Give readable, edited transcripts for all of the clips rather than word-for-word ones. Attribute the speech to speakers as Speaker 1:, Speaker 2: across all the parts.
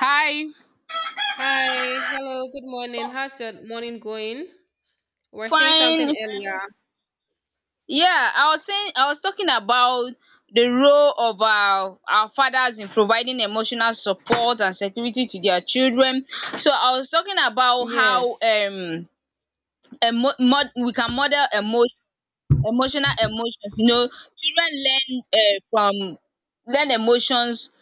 Speaker 1: Hi.
Speaker 2: Hi, hello, good morning. How's your morning going? We are saying something
Speaker 1: Fine.
Speaker 2: earlier.
Speaker 1: Yeah, I was saying I was talking about the role of our fathers in providing emotional support and security to their children. So I was talking about how
Speaker 2: Yes.
Speaker 1: we can model emotion. Emotional emotions, you know, children learn emotions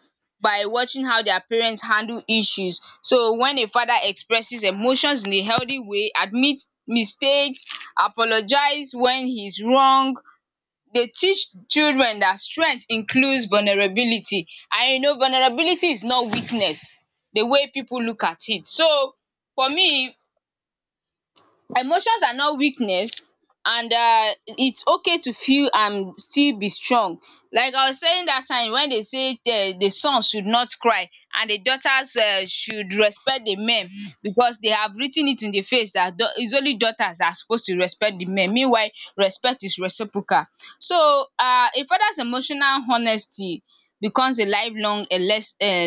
Speaker 1: by watching how their parents handle issues. So when a father expresses emotions in a healthy way, admits mistakes, apologize when he's wrong, they teach children that strength includes vulnerability. And you know vulnerability is not weakness, the way people look at it. So for me, emotions are not weakness, and its okay to feel and still be strong. Like I was saying, that time when they say the son should not cry and the daughters should respect the men, because they have written it in the face dat its only daughters that are supposed to respect the men, meanwhile respect is reciprocal. So a father's emotional honesty becomes a lifelong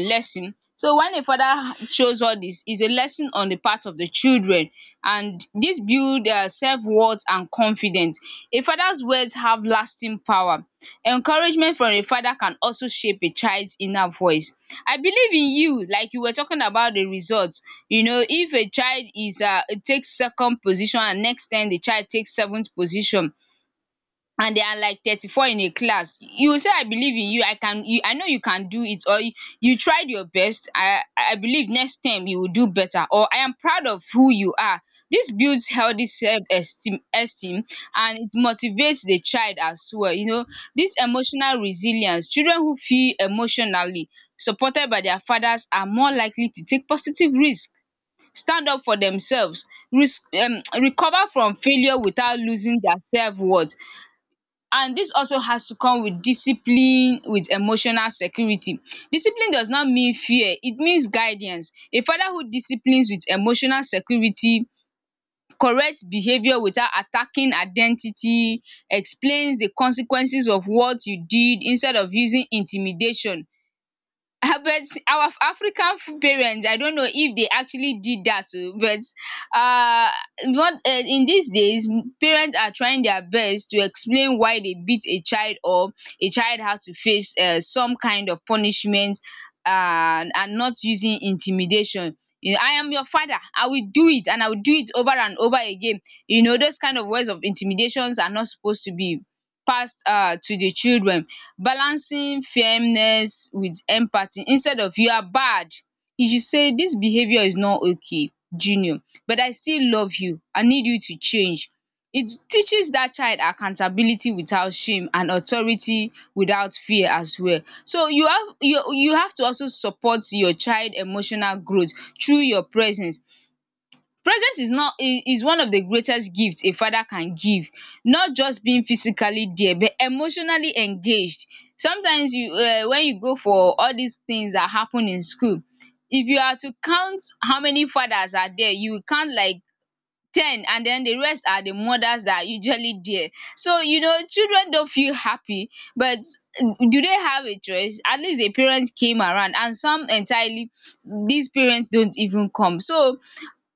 Speaker 1: lesson. So when a father shows all this, is a lesson on the part of the children, and this build their self worth and confidence. A father's words have lasting power. Encouragement from a father can also shape a child's inner voice. I believe in you, like you were talking about the result. You know, if a child is takes second position and next time the child takes seventh position, and there are like 34 in a class, you will say, I believe in you, I can you, I know you can do it, or you tried your best, I believe next time you will do better, or I am proud of who you are. Dis builds healthy self esteem, and it motivates the child as well. Dis emotional resilience, children who feel emotionally supported by their fathers are more likely to take positive risk, stand up for themselves, risk recover from failure without losing their self worth. And this also has to come with discipline, with emotional security. Discipline does not mean fear, it means guidance. A father who disciplines with emotional security, correct behaviour without attacking identity, explains the consequences of what you did instead of using intimidation. Ah, but our African parent, I don't know if they actually did that o, but what in these days, parents are trying their best to explain why they beat a child, or a child has to face some kind of punishment, and not using intimidation. You know, I am your father, I will do it and I will do it over and over again. You know those kind of words of intimidations are not supposed to be passed to the children. Balancing firmness with empathy, instead of you are bad, you should say this behaviour is not okay, junior, but I still love you, I need you to change. It teaches that child accountability without shame and authority without fear as well. So you have you have to also support your child emotional growth through your presence. Presence is not is is one of the greatest gifts a father can give, not just being physically there but emotionally engaged. Sometimes you when you go for all these things that happen in school, if you are to count how many fathers are there, you will count like ten, and then the rest are the mothers that are usually there. So you know, children don't feel happy, but do they have a choice? At least a parent came around, and some entirely, these parents don't even come. So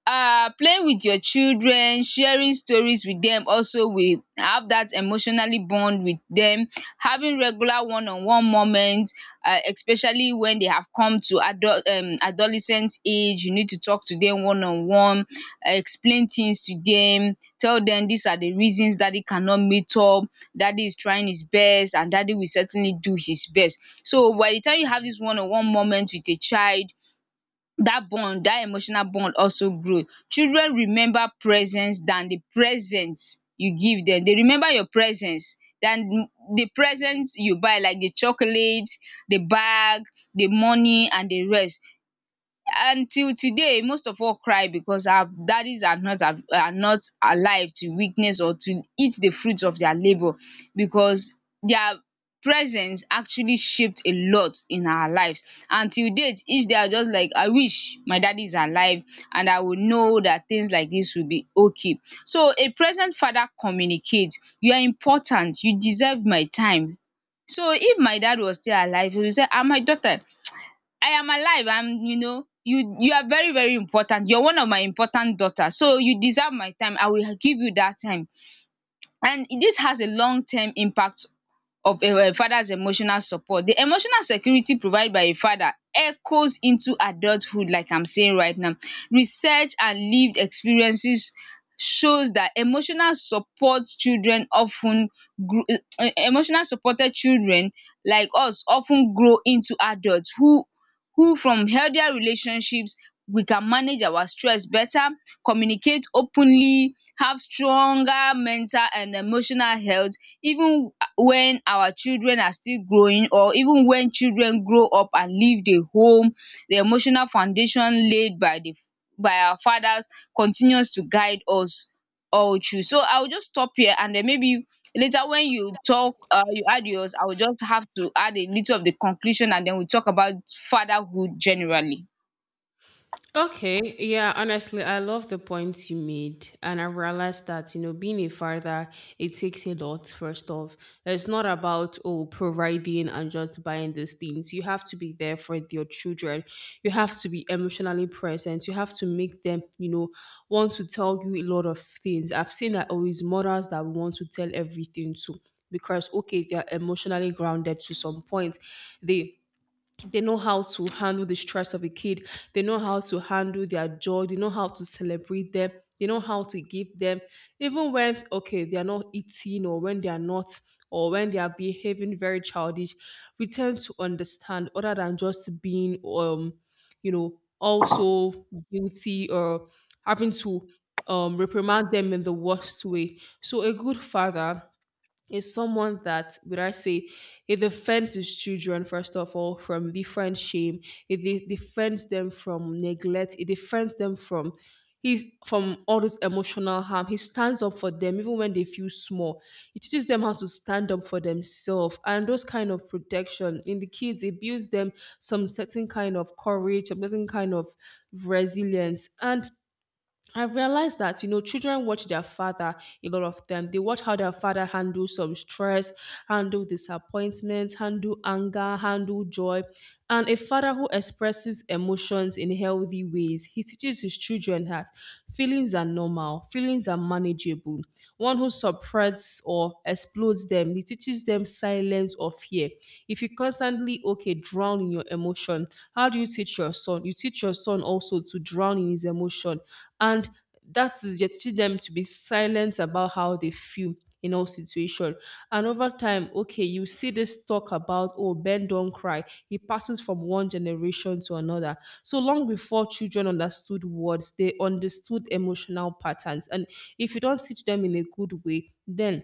Speaker 1: playing with your children, sharing stories with them, also will have that emotionally bond with them. Having regular one on one moments, especially when they have come to adult adolescent age, you need to talk to them one on one, explain things to them, tell them these are the reasons daddy cannot meet up, daddy is trying his best and daddy will certainly do his best. So by the time you have this one on one moment with a child, that bond, that emotional bond, also grow. Children remember presence than the presents you give them, they remember your presence than the presents you buy, like the chocolate, the bag, the money and the rest. Until today, most of all cry because our daddies are not av are not alive to witness or to eat the fruits of their labour, because their presence actually shaped a lot in our lives. And till date, each day, I just, like, I wish my daddy is alive, and I would know that things like this would be okay. So a present father communicates, you are important, you deserve my time. So if my dad was still alive, he would say, ah, my daughter, I am alive, I'm, you know you you are very, very important. You're one of my important daughters, so you deserve my time. I will give you that time. And this has a long term impact of a father's emotional support. The emotional security provided by a father echoes into adulthood, like I'm saying right now. Research and lived experiences shows that emotional support children often grow. Emotional supported children like us often grow into adults who from healthier relationships. We can manage our stress better, communicate openly, have stronger mental and emotional health, even when our children are still growing, or even when children grow up and leave the home. The emotional foundation laid by our fathers continues to guide us all through. So I will just stop here, and then maybe later, when you talk, you add yours, I will just have to add a little of the conclusion, and then we'll talk about fatherhood generally.
Speaker 2: Okay, yeah, honestly, I love the points you made. And I realized that, you know, being a father, it takes a lot, first off. It's not about, oh, providing and just buying these things. You have to be there for your children. You have to be emotionally present. You have to make them, you know, want to tell you a lot of things. I've seen that always mothers that want to tell everything to because, okay, they're emotionally grounded to some point. They they know how to handle the stress of a kid. They know how to handle their joy, they know how to celebrate them, they know how to give them, even when okay they are not eating, or when they are not, or when they are behaving very childish, we tend to understand, other than just being also guilty, or having to reprimand them in the worst way. So a good father is someone that would, I say, it defends his children, first of all, from different shame. It defends them from neglect. It defends them from all this emotional harm. He stands up for them even when they feel small. He teaches them how to stand up for themselves, and those kind of protection in the kids, it builds them some certain kind of courage, a certain kind of resilience. And I've realized that, children watch their father, a lot of them. They watch how their father handle some stress, handle disappointment, handle anger, handle joy. And a father who expresses emotions in healthy ways, he teaches his children that feelings are normal, feelings are manageable. One who suppresses or explodes them, he teaches them silence or fear. If you constantly, okay, drown in your emotion, how do you teach your son? You teach your son also to drown in his emotion, and that is, yet, teach them to be silent about how they feel in all situation. And over time, okay, you see this talk about, oh, ben don't cry, it passes from one generation to another. So, long before children understood words, they understood emotional patterns. And if you don't teach them in a good way, then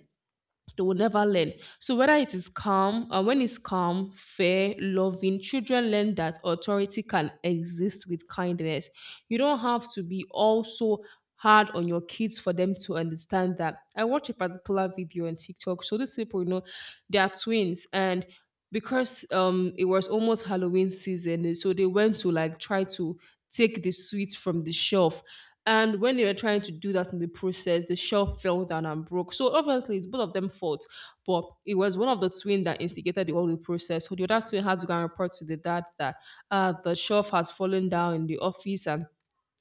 Speaker 2: they will never learn. So whether when it's calm, fair, loving, children learn that authority can exist with kindness. You don't have to be also hard on your kids for them to understand that. I watched a particular video on TikTok. So these people, they are twins. And because it was almost Halloween season, so they went to, like, try to take the sweets from the shelf. And when they were trying to do that, in the process, the shelf fell down and broke. So obviously it's both of them fault, but it was one of the twin that instigated the whole the process. So the other twin had to go and report to the dad that, the shelf has fallen down in the office. And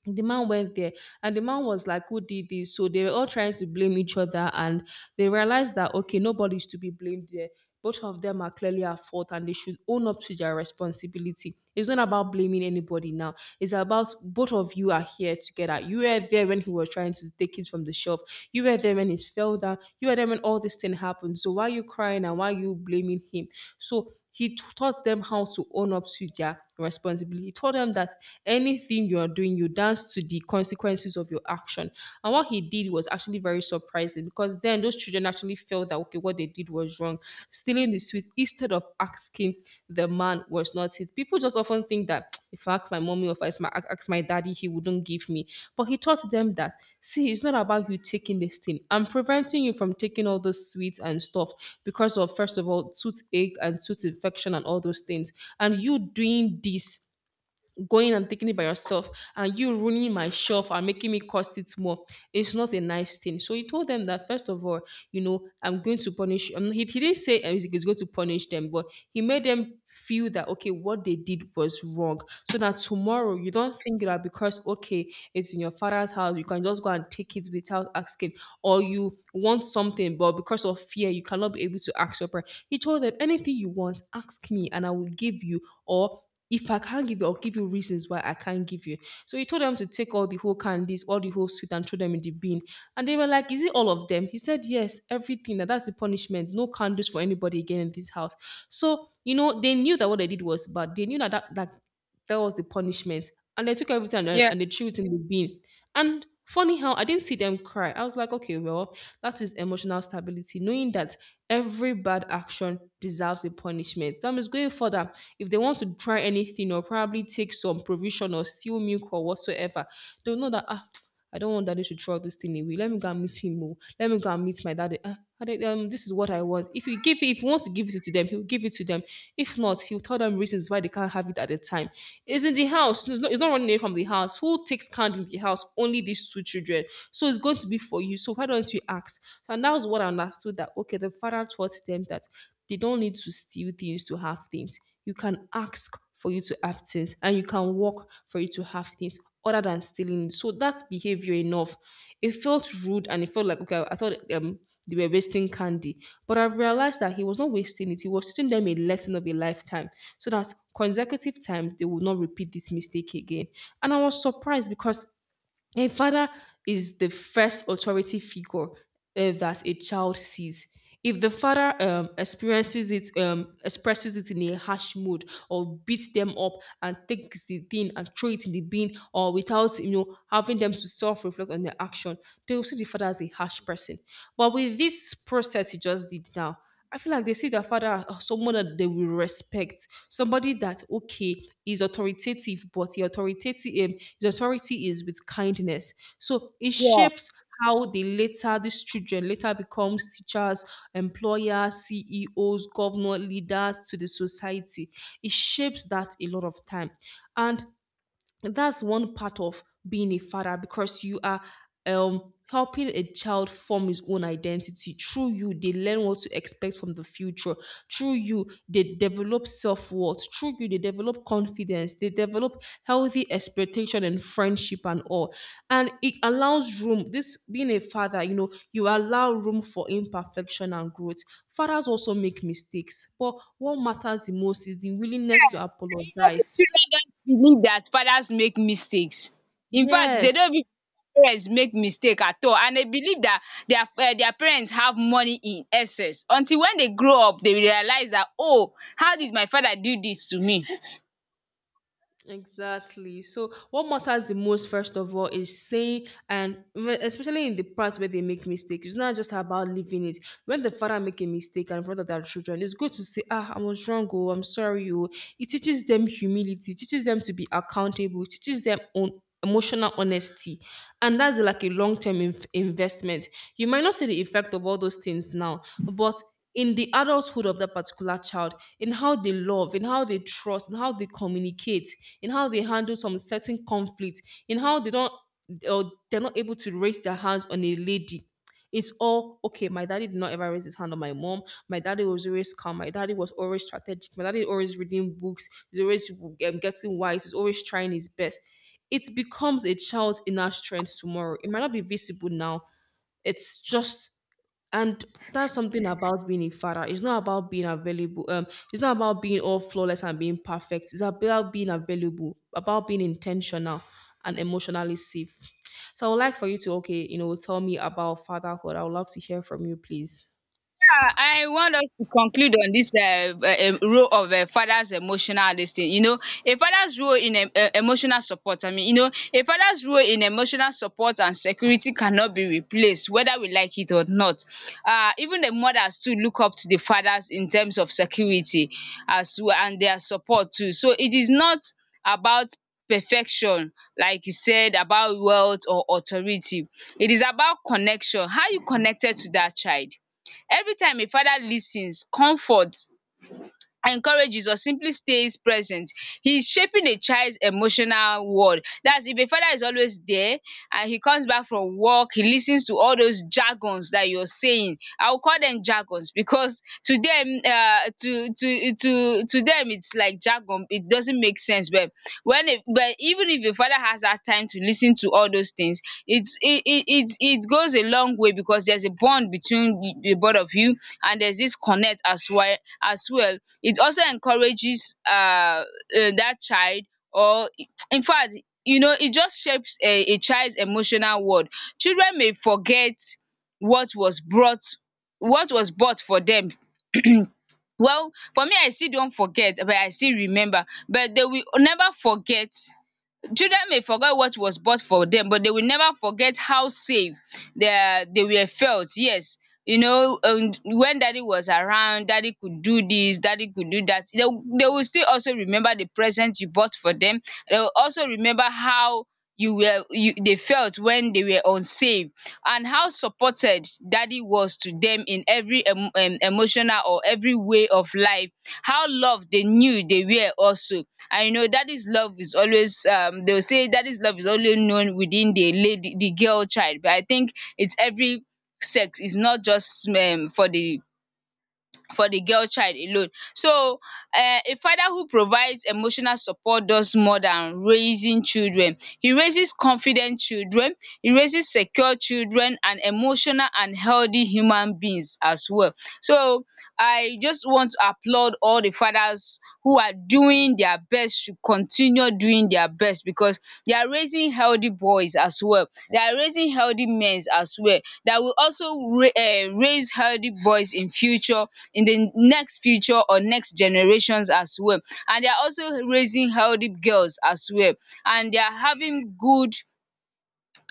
Speaker 2: the man went there, and the man was like, who did this? So they were all trying to blame each other, and they realized that, okay, nobody's to be blamed there, both of them are clearly at fault, and they should own up to their responsibility. It's not about blaming anybody now, it's about, both of you are here together, you were there when he was trying to take it from the shelf, you were there when it fell down, you were there when all this thing happened, so why are you crying and why are you blaming him? So he taught them how to own up to their responsibility. He taught them that anything you are doing, you dance to the consequences of your action. And what he did was actually very surprising, because then those children actually felt that, okay, what they did was wrong. Stealing the sweet instead of asking the man was not it. People just often think that, if I ask my mommy, or if I ask my daddy, he wouldn't give me. But he taught them that, see, it's not about you taking this thing. I'm preventing you from taking all those sweets and stuff because of, first of all, toothache and tooth infection and all those things. And you doing this, going and taking it by yourself, and you ruining my shelf and making me cost it more, it's not a nice thing. So he told them that, first of all, I'm going to punish, he didn't say, he's going to punish them. But he made them feel that, okay, what they did was wrong, so that tomorrow you don't think that because, okay, it's in your father's house, you can just go and take it without asking, or you want something but because of fear you cannot be able to ask your parent. He told them, anything you want, ask me and I will give you, or if I can't give you, I'll give you reasons why I can't give you. So he told them to take all the whole candies, all the whole sweet, and throw them in the bin. And they were like, is it all of them? He said, yes, everything. That's the punishment. No candles for anybody again in this house. So, you know, they knew that what they did was bad. They knew that that was the punishment. And they took everything, and,
Speaker 1: Yeah.
Speaker 2: and they threw it in the bin. And funny how I didn't see them cry. I was like, okay, well, that is emotional stability, knowing that every bad action deserves a punishment. That means going further, if they want to try anything, or probably take some provision or steal milk or whatsoever, they'll know that, ah, I don't want daddy to throw this thing away. Let me go and meet him. Oh. Let me go and meet my daddy. Ah, daddy, this is what I want. If you give it, if he wants to give it to them, he'll give it to them. If not, he'll tell them reasons why they can't have it at the time. It's in the house. It's not running away from the house. Who takes care in the house? Only these two children. So it's going to be for you. So why don't you ask? And that was what I understood, that, okay, the father taught them that they don't need to steal things to have things. You can ask for you to have things, and you can work for you to have things, other than stealing. So that behavior enough, it felt rude, and it felt like, okay, I thought they were wasting candy, but I've realized that he was not wasting it. He was teaching them a lesson of a lifetime, so that consecutive times they would not repeat this mistake again. And I was surprised because a father is the first authority figure, that a child sees. If the father expresses it in a harsh mood, or beats them up and takes the thing and throw it in the bin, or without, having them to self-reflect on their action, they will see the father as a harsh person. But with this process he just did now, I feel like they see their father as someone that they will respect, somebody that, okay, is authoritative, but the authoritative his authority is with kindness. So it shapes how they later these children later becomes teachers, employers, CEOs, governor, leaders to the society. It shapes that a lot of time. And that's one part of being a father, because you are helping a child form his own identity. Through you, they learn what to expect from the future. Through you, they develop self-worth. Through you, they develop confidence, they develop healthy expectation and friendship and all. And it allows room, this being a father, you allow room for imperfection and growth. Fathers also make mistakes, but what matters the most is the willingness to
Speaker 1: But you
Speaker 2: apologize.
Speaker 1: children just believe that fathers make mistakes. In fact they
Speaker 2: Yes.
Speaker 1: don't even think parents make mistake at all, and they believe that their parents have money in excess, until when they grow up they realise that, oh, how did my father do this to me?
Speaker 2: Exactly. So, what matters the most, first of all, is saying, and especially in the part where they make mistakes, it's not just about leaving it. When the father make a mistake and father their children, it's good to say, "Ah, I was wrong. Oh, I'm sorry. Oh." It teaches them humility. It teaches them to be accountable. It teaches them on emotional honesty, and that's like a long term investment. You might not see the effect of all those things now, but in the adulthood of that particular child, in how they love, in how they trust, in how they communicate, in how they handle some certain conflict, in how they don't or they're not able to raise their hands on a lady. It's all okay. My daddy did not ever raise his hand on my mom. My daddy was always calm. My daddy was always strategic. My daddy always reading books. He's always getting wise. He's always trying his best. It becomes a child's inner strength tomorrow. It might not be visible now, it's just and that's something about being a father. It's not about being available, it's not about being all flawless and being perfect. It's about being available, about being intentional and emotionally safe. So I would like for you to, okay, tell me about fatherhood. I would love to hear from you, please.
Speaker 1: Yeah, I want us to conclude on this role of a father's emotional this thing. You know, a father's role in emotional support. I mean, a father's role in emotional support and security cannot be replaced, whether we like it or not. Even the mothers too look up to the fathers in terms of security as well, and their support too. So it is not about perfection, like you said, about wealth or authority. It is about connection, how you connected to that child. Every time a father listens, comforts, encourages or simply stays present, he is shaping a child's emotional world. That's if a father is always there and he comes back from work, he listens to all those jargons that you're saying. I will call them jargons because to them it's like jargon. It doesn't make sense, but when a but even if a father has that time to listen to all those things, it's it it it it goes a long way, because there's a bond between the both of you, and there's this connect as well. It also encourages, that child, or in fact, it just shapes a child's emotional world. Children may forget what was brought what was bought for them. Well, for me, I still don't forget, but I still remember. But they will never forget. Children may forget what was bought for them, but they will never forget how safe they were felt. Yes, when daddy was around, daddy could do this, daddy could do that. They will still also remember the present you bought for them. They will also remember how they felt when they were unsafe, and how supported daddy was to them in every emotional or every way of life, how loved they knew they were also. I know daddy's love is always, they will say daddy's love is only known within the lady, the girl child, but I think it's every sex, it's not just for the girl child alone. So a father who provides emotional support does more than raising children. He raises confident children, he raises secure children and emotional and healthy human beings as well. So I just want to applaud all the fathers who are doing their best, to continue doing their best, because they are raising healthy boys as well. They are raising healthy men as well, that will also ra raise healthy boys in future, in the next future or next generations as well. And they are also raising healthy girls as well. And they are having good,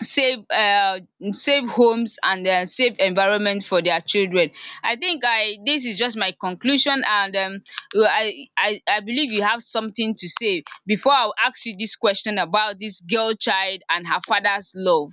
Speaker 1: safe, safe homes and safe environment for their children. I think I this is just my conclusion and I believe you have something to say before I ask you this question about this girl child and her father's love.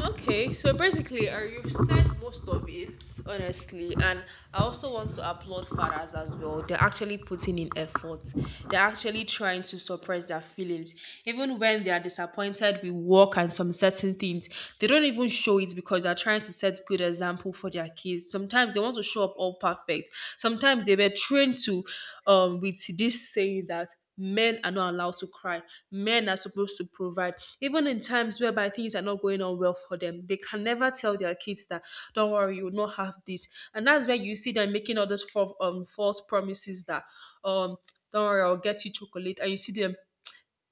Speaker 2: Okay, so basically, you've said most of it, honestly, and I also want to applaud fathers as well. They're actually putting in effort. They're actually trying to suppress their feelings, even when they are disappointed with work and some certain things. They don't even show it because they're trying to set good example for their kids. Sometimes they want to show up all perfect. Sometimes they were trained to, with this saying that men are not allowed to cry. Men are supposed to provide. Even in times whereby things are not going on well for them, they can never tell their kids that, don't worry, you will not have this. And that's where you see them making all those false, false promises that, um, don't worry, I'll get you chocolate. And you see them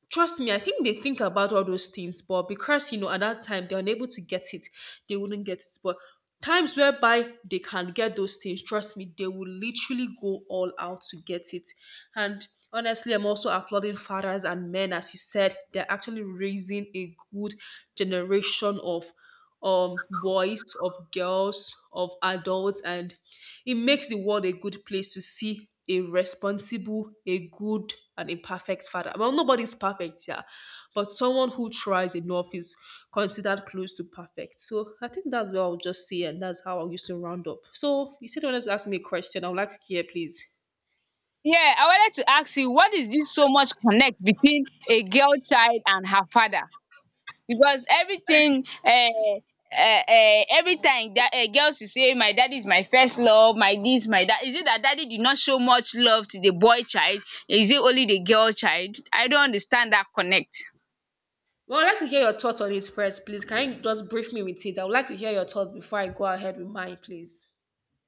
Speaker 2: trust me, I think they think about all those things, but because you know at that time they're unable to get it, they wouldn't get it. But times whereby they can get those things, trust me, they will literally go all out to get it. And honestly, I'm also applauding fathers and men, as you said, they're actually raising a good generation of boys, of girls, of adults. And it makes the world a good place to see a responsible, a good and a perfect father. Well, nobody's perfect, yeah, but someone who tries enough is considered close to perfect. So I think that's what I'll just say, and that's how I'll use to round up. So you said you wanted to ask me a question. I would like to hear, please.
Speaker 1: Yeah, I wanted to ask you, what is this so much connect between a girl child and her father? Because everything every time that girls will say my daddy is my first love, my this, my that. Is it that daddy did not show much love to the boy child? Is it only the girl child? I don't understand that connect.
Speaker 2: Well, I'd like to hear your thoughts on it first, please. Can you just brief me with it? I would like to hear your thoughts before I go ahead with mine, please.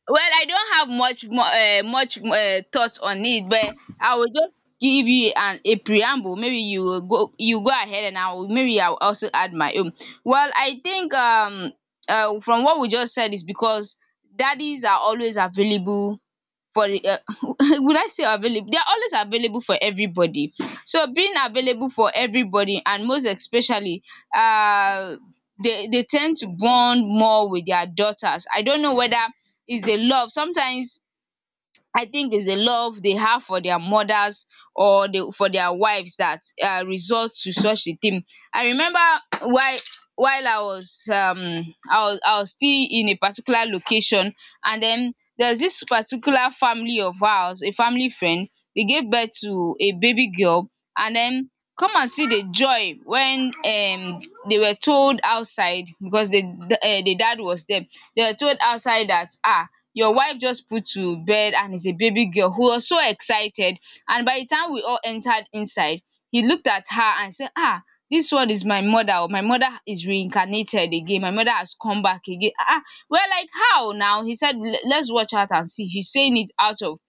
Speaker 1: Well, I don't have much more much thought on it, but I will just give you an a preamble. Maybe you will go you go ahead and I will, maybe I will also add my own. Well, I think from what we just said, is because daddies are always available for will I say available? They are always available for everybody. So being available for everybody, and most especially uh they tend to bond more with their daughters. I don't know whether it's the love. Sometimes I think is the love they have for their mothers or the for their wives that result to such a thing. I remember while while I was I was still in a particular location, and then there's this particular family of ours, a family friend, they gave birth to a baby girl. And then come and see the joy when they were told outside, because the dad was there. They were told outside that, ah, your wife just put to bed and is a baby girl. Who was so excited, and by the time we all entered inside, he looked at her and said, ah, this one is my mother o, my mother is reincarnated again, my mother has come back again. Ah, ah. We're like, how now? He said, "Let's watch out and see." He's saying it out of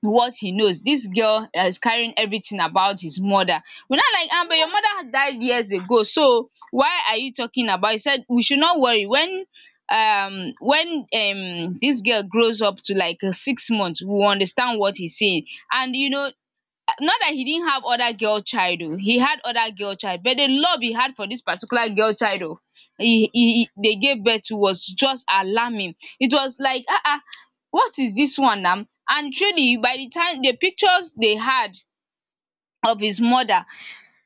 Speaker 1: what he knows. This girl is carrying everything about his mother. We are not like, am, but your mother died years ago, so why are you talking about? He said we should not worry. When this girl grows up to like 6 months, we will understand what he's saying. And you know, not that he didn't have other girl child o, he had other girl child, but the love he had for this particular girl child o, he they gave birth to was just alarming. It was like, ah, ah, what is this one now? And truly, by the time the pictures they had of his mother,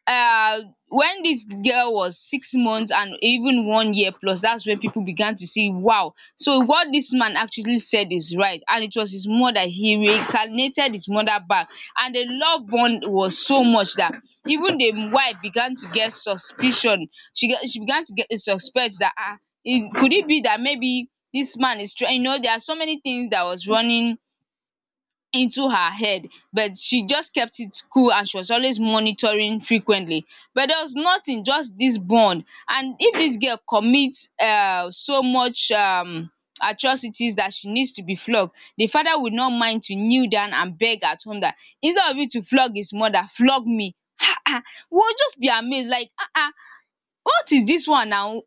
Speaker 1: uh when this girl was 6 months and even 1 year plus, that's when people began to see, wow. So what this man actually said is right, and it was his mother, he reincarnated his mother back. And the love bond was so much that even the wife began to get suspicion. She began to get suspect that, ah, it, could it be that maybe this man is trying, you know, there are so many things that was running into her head. But she just kept it cool, and she was always monitoring frequently. But there was nothing, just this bond. And if this girl commits so much atrocities that she needs to be flogged, the father would not mind to kneel down and beg at home that, instead of you to flog his mother, flog me. um we will just be amazed like, what is this one now?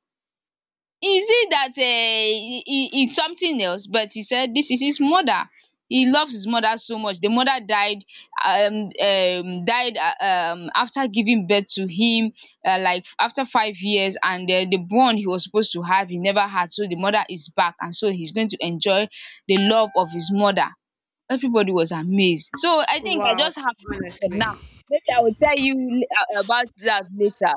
Speaker 1: Is it that it's something else? But he said this is his mother. He loves his mother so much. The mother died died after giving birth to him, like after 5 years, and then the born he was supposed to have, he never had. So the mother is back, and so he's going to enjoy the love of his mother. Everybody was amazed. So I think I
Speaker 2: Wow,
Speaker 1: just have this for
Speaker 2: honestly.
Speaker 1: now. Maybe I will tell you la about that later.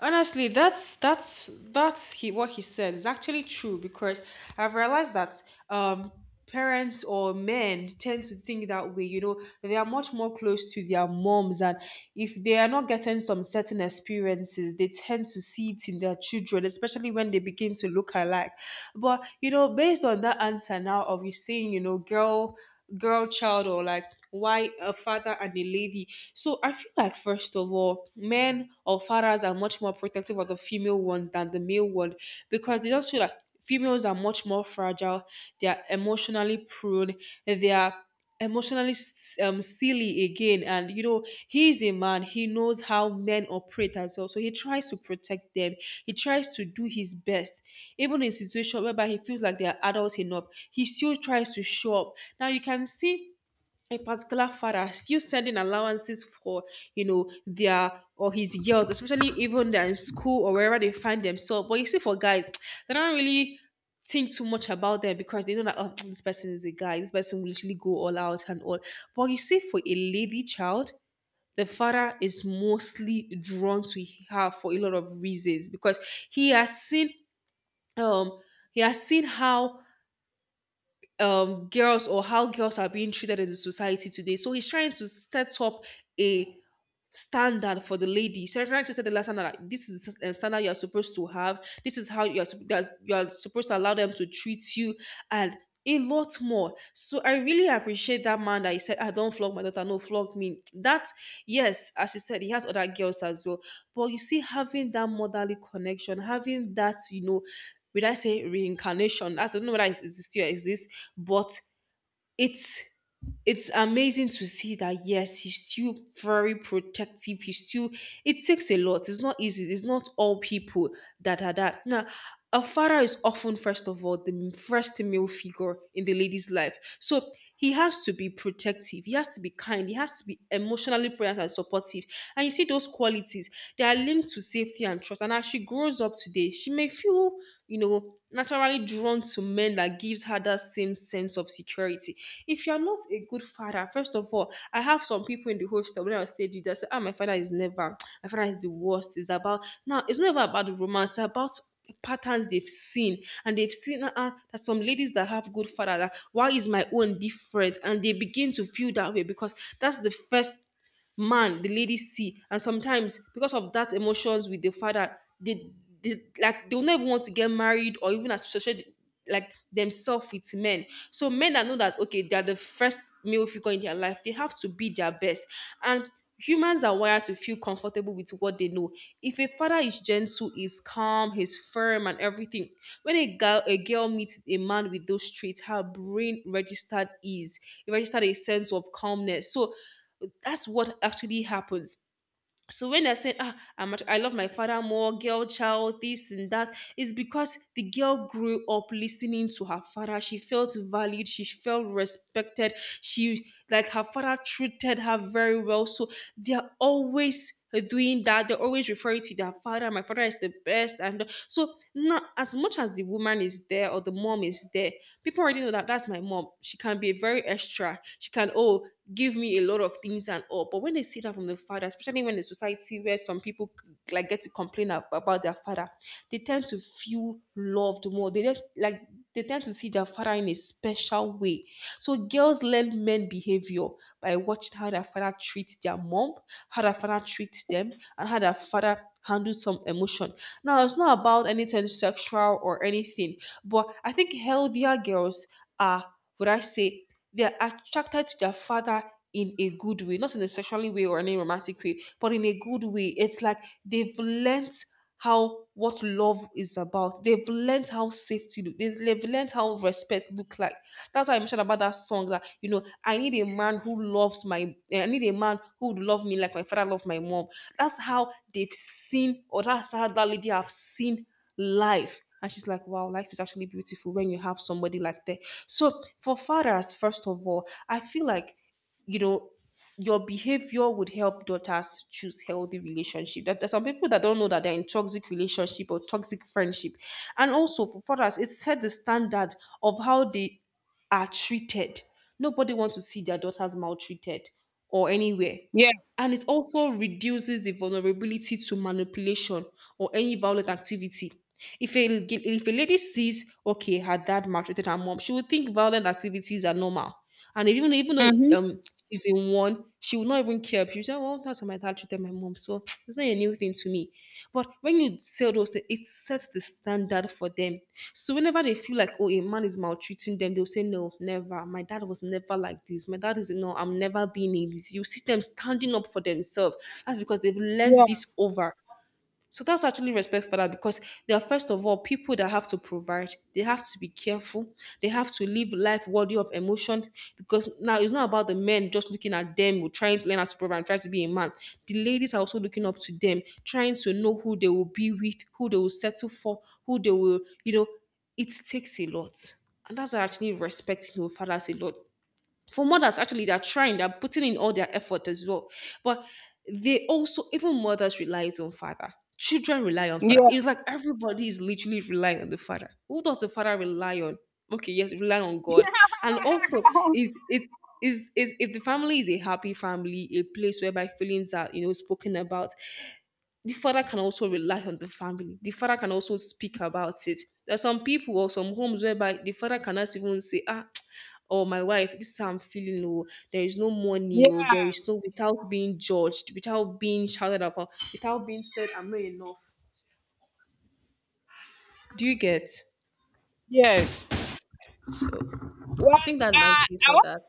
Speaker 2: Honestly, that's that's he what he said is actually true because I've realized that um parents or men tend to think that way. You know, they are much more close to their moms, and if they are not getting some certain experiences, they tend to see it in their children, especially when they begin to look alike. But you know, based on that answer now of you saying, you know, girl child, or like why a father and a lady. So I feel like, first of all, men or fathers are much more protective of the female ones than the male one, because they just feel like females are much more fragile, they are emotionally prone, they are emotionally silly again. And you know, he's a man, he knows how men operate as well, so he tries to protect them. He tries to do his best. Even in situation whereby he feels like they are adults enough, he still tries to show up. Now you can see a particular father still sending allowances for, you know, their or his girls, especially even they're in school or wherever they find themselves. But you see, for guys, they don't really think too much about them, because they know that, oh, this person is a guy, this person will literally go all out and all. But you see, for a lady child. The father is mostly drawn to her for a lot of reasons because he has seen um he has seen how girls or how girls are being treated in the society today. So he's trying to set up a standard for the lady. So trying to set the last standard, like this is the standard you are supposed to have. This is how you are that you are supposed to allow them to treat you, and a lot more. So I really appreciate that man that he said, "I don't flog my daughter. No, flog me." That, yes, as he said, he has other girls as well. But you see, having that motherly connection, having that, you know. Would I say reincarnation? I don't know whether it still exists, but it's it's amazing to see that, yes, he's still very protective. He's still it takes a lot. It's not easy. It's not all people that are that now. A father is often, first of all, the first male figure in the lady's life, so he has to be protective, he has to be kind, he has to be emotionally present and supportive. And you see those qualities, they are linked to safety and trust. And as she grows up today, she may feel, you know, naturally drawn to men, men that gives her that same sense of security. If you're not a good father, first of all, I have some people in the hostel when I stayed with that say, ah, my father is never, my father is the worst. It's about now, it's never about the romance, it's about patterns they've seen. And they've seen that some ladies that have good father, that why is my own different? And they begin to feel that way because that's the first man the lady see. And sometimes because of that emotions with the father, they like, they'll not even want to get married or even associate like themselves with men. So men that know that, okay, they're the first male figure in their life, they have to be their best. And humans are wired to feel comfortable with what they know. If a father is gentle, is calm, is firm and everything, when a girl, a girl meets a man with those traits, her brain registered ease. It registered a sense of calmness. So that's what actually happens. So when they're saying, ah, I love my father more, girl child, this and that, it's because the girl grew up listening to her father. She felt valued. She felt respected. She, like her father treated her very well. So they're always doing that. They always refer you to their father. My father is the best. And so not as much as the woman is there or the mom is there, people already know that that's my mom. She can be very extra. She can, oh, give me a lot of things and all. But when they see that from the father, especially when the society where some people like get to complain about their father, they tend to feel loved more. They just like, they tend to see their father in a special way. So girls learn men behavior. But I watched how their father treats their mom, how their father treats them, and how their father handles some emotion. Now, it's not about anything sexual or anything, but I think healthier girls are, would I say, they are attracted to their father in a good way, not in a sexually way or any romantic way, but in a good way. It's like they've learnt how what love is about. They've learnt how safety look. They've learnt how respect look like. That's why I mentioned about that song that, you know, I need a man who loves my, eh, I need a man who would love me like my father loved my mom. That's how they've seen, or that's how that lady have seen life. And she's like, wow, life is actually beautiful when you have somebody like that. So, for fathers, first of all, I feel like, you know, your behavior would help daughters choose healthy relationship. That there's some people that don't know that they're in toxic relationship or toxic friendship. And also for fathers, it set the standard of how they are treated. Nobody wants to see their daughters maltreated or anywhere,
Speaker 1: Yeah.
Speaker 2: and it also reduces the vulnerability to manipulation or any violent activity. If a, if a lady sees, okay, her dad maltreated her mom, she will think violent activities are normal. And even though
Speaker 1: Mhm.
Speaker 2: she's in one, she will not even care. She'll say, well, that's how my dad treated my mom. So it's not a new thing to me. But when you say those things, it sets the standard for them. So whenever they feel like, oh, a man is maltreating them, they'll say, no, never. My dad was never like this. My dad is, no, I'm never being a this. You see them standing up for themselves. That's because they've learned
Speaker 1: Yeah.
Speaker 2: this over. So that's actually respect for that, because they are, first of all, people that have to provide. They have to be careful. They have to live life worthy of emotion, because now it's not about the men just looking at them or trying to learn how to provide and try to be a man. The ladies are also looking up to them, trying to know who they will be with, who they will settle for, who they will, you know, it takes a lot. And that's why I actually respect, you know, fathers a lot. For mothers, actually, they're trying, they're putting in all their effort as well, but they also, even mothers rely on father, children rely on father.
Speaker 1: Yeah,
Speaker 2: It's like everybody is literally relying on the father. Who does the father rely on? Okay, yes, rely on God. And also it, is, if the family is a happy family, a place whereby feelings are, you know, spoken about, the father can also rely on the family. The father can also speak about it. There are some people or some homes whereby the father cannot even say, ah, or my wife, this is how I'm feeling, or there is no money, or
Speaker 1: yeah,
Speaker 2: there is no, without being judged, without being shouted upon, without being said, I'm not enough. Do you get?
Speaker 1: yes.
Speaker 2: So
Speaker 1: Well,
Speaker 2: I think that's my say
Speaker 1: I
Speaker 2: for
Speaker 1: want
Speaker 2: that.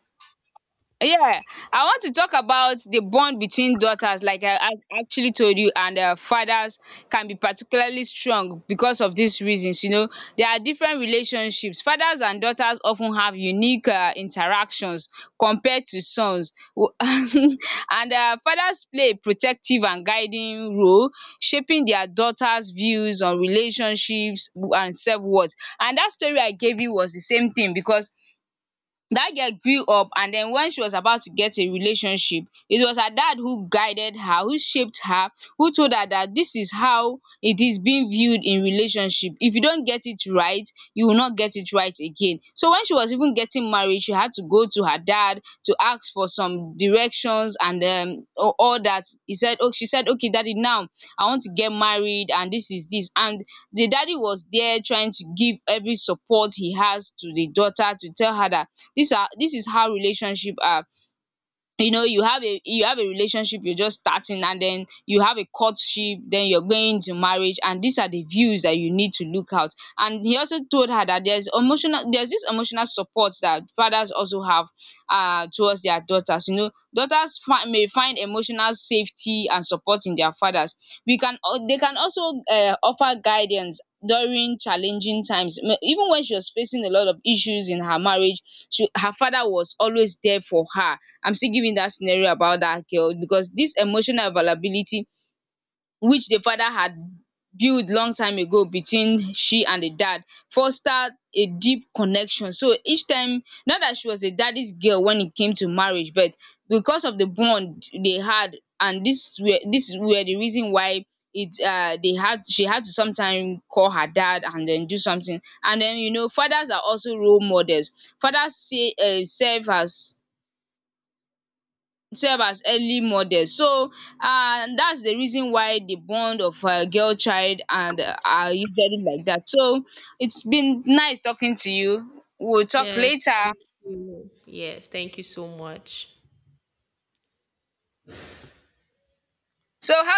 Speaker 1: Yeah, I want to talk about the bond between daughters, like I actually told you, and fathers can be particularly strong because of these reasons. You know, there are different relationships. Fathers and daughters often have unique interactions compared to sons. And fathers play a protective and guiding role, shaping their daughters' views on relationships and self worth. And that story I gave you was the same thing, because that girl grew up, and then when she was about to get a relationship, it was her dad who guided her, who shaped her, who told her that this is how it is being viewed in relationship. If you don't get it right, you will not get it right again. So when she was even getting married, she had to go to her dad to ask for some directions and all that. He said, oh, she said, okay, daddy, now I want to get married and this is this. And the daddy was there trying to give every support he has to the daughter, to tell her that these are this is how relationship are. You know, you have a relationship, you're just starting, and then you have a courtship, then you're going to marriage, and these are the views that you need to look out. And he also told her that there's emotional there's this emotional support that fathers also have towards their daughters. You know, daughters may find emotional safety and support in their fathers. They can also offer guidance during challenging times. Even when she was facing a lot of issues in her marriage, her father was always there for her. I'm still giving that scenario about that girl, because this emotional availability, which the father had built long time ago between she and the dad, fostered a deep connection. So each time, not that she was a daddy's girl when it came to marriage, but because of the bond they had, and this were the reason why it they had, she had to sometimes call her dad and then do something. And then, you know, fathers are also role models. Fathers say serve as self as early model. So that's the reason why the bond of girl child and are usually like that. So it's been nice talking to you. We'll talk
Speaker 2: Yes,
Speaker 1: later.
Speaker 2: thank you. Yes, thank you so much.
Speaker 1: So how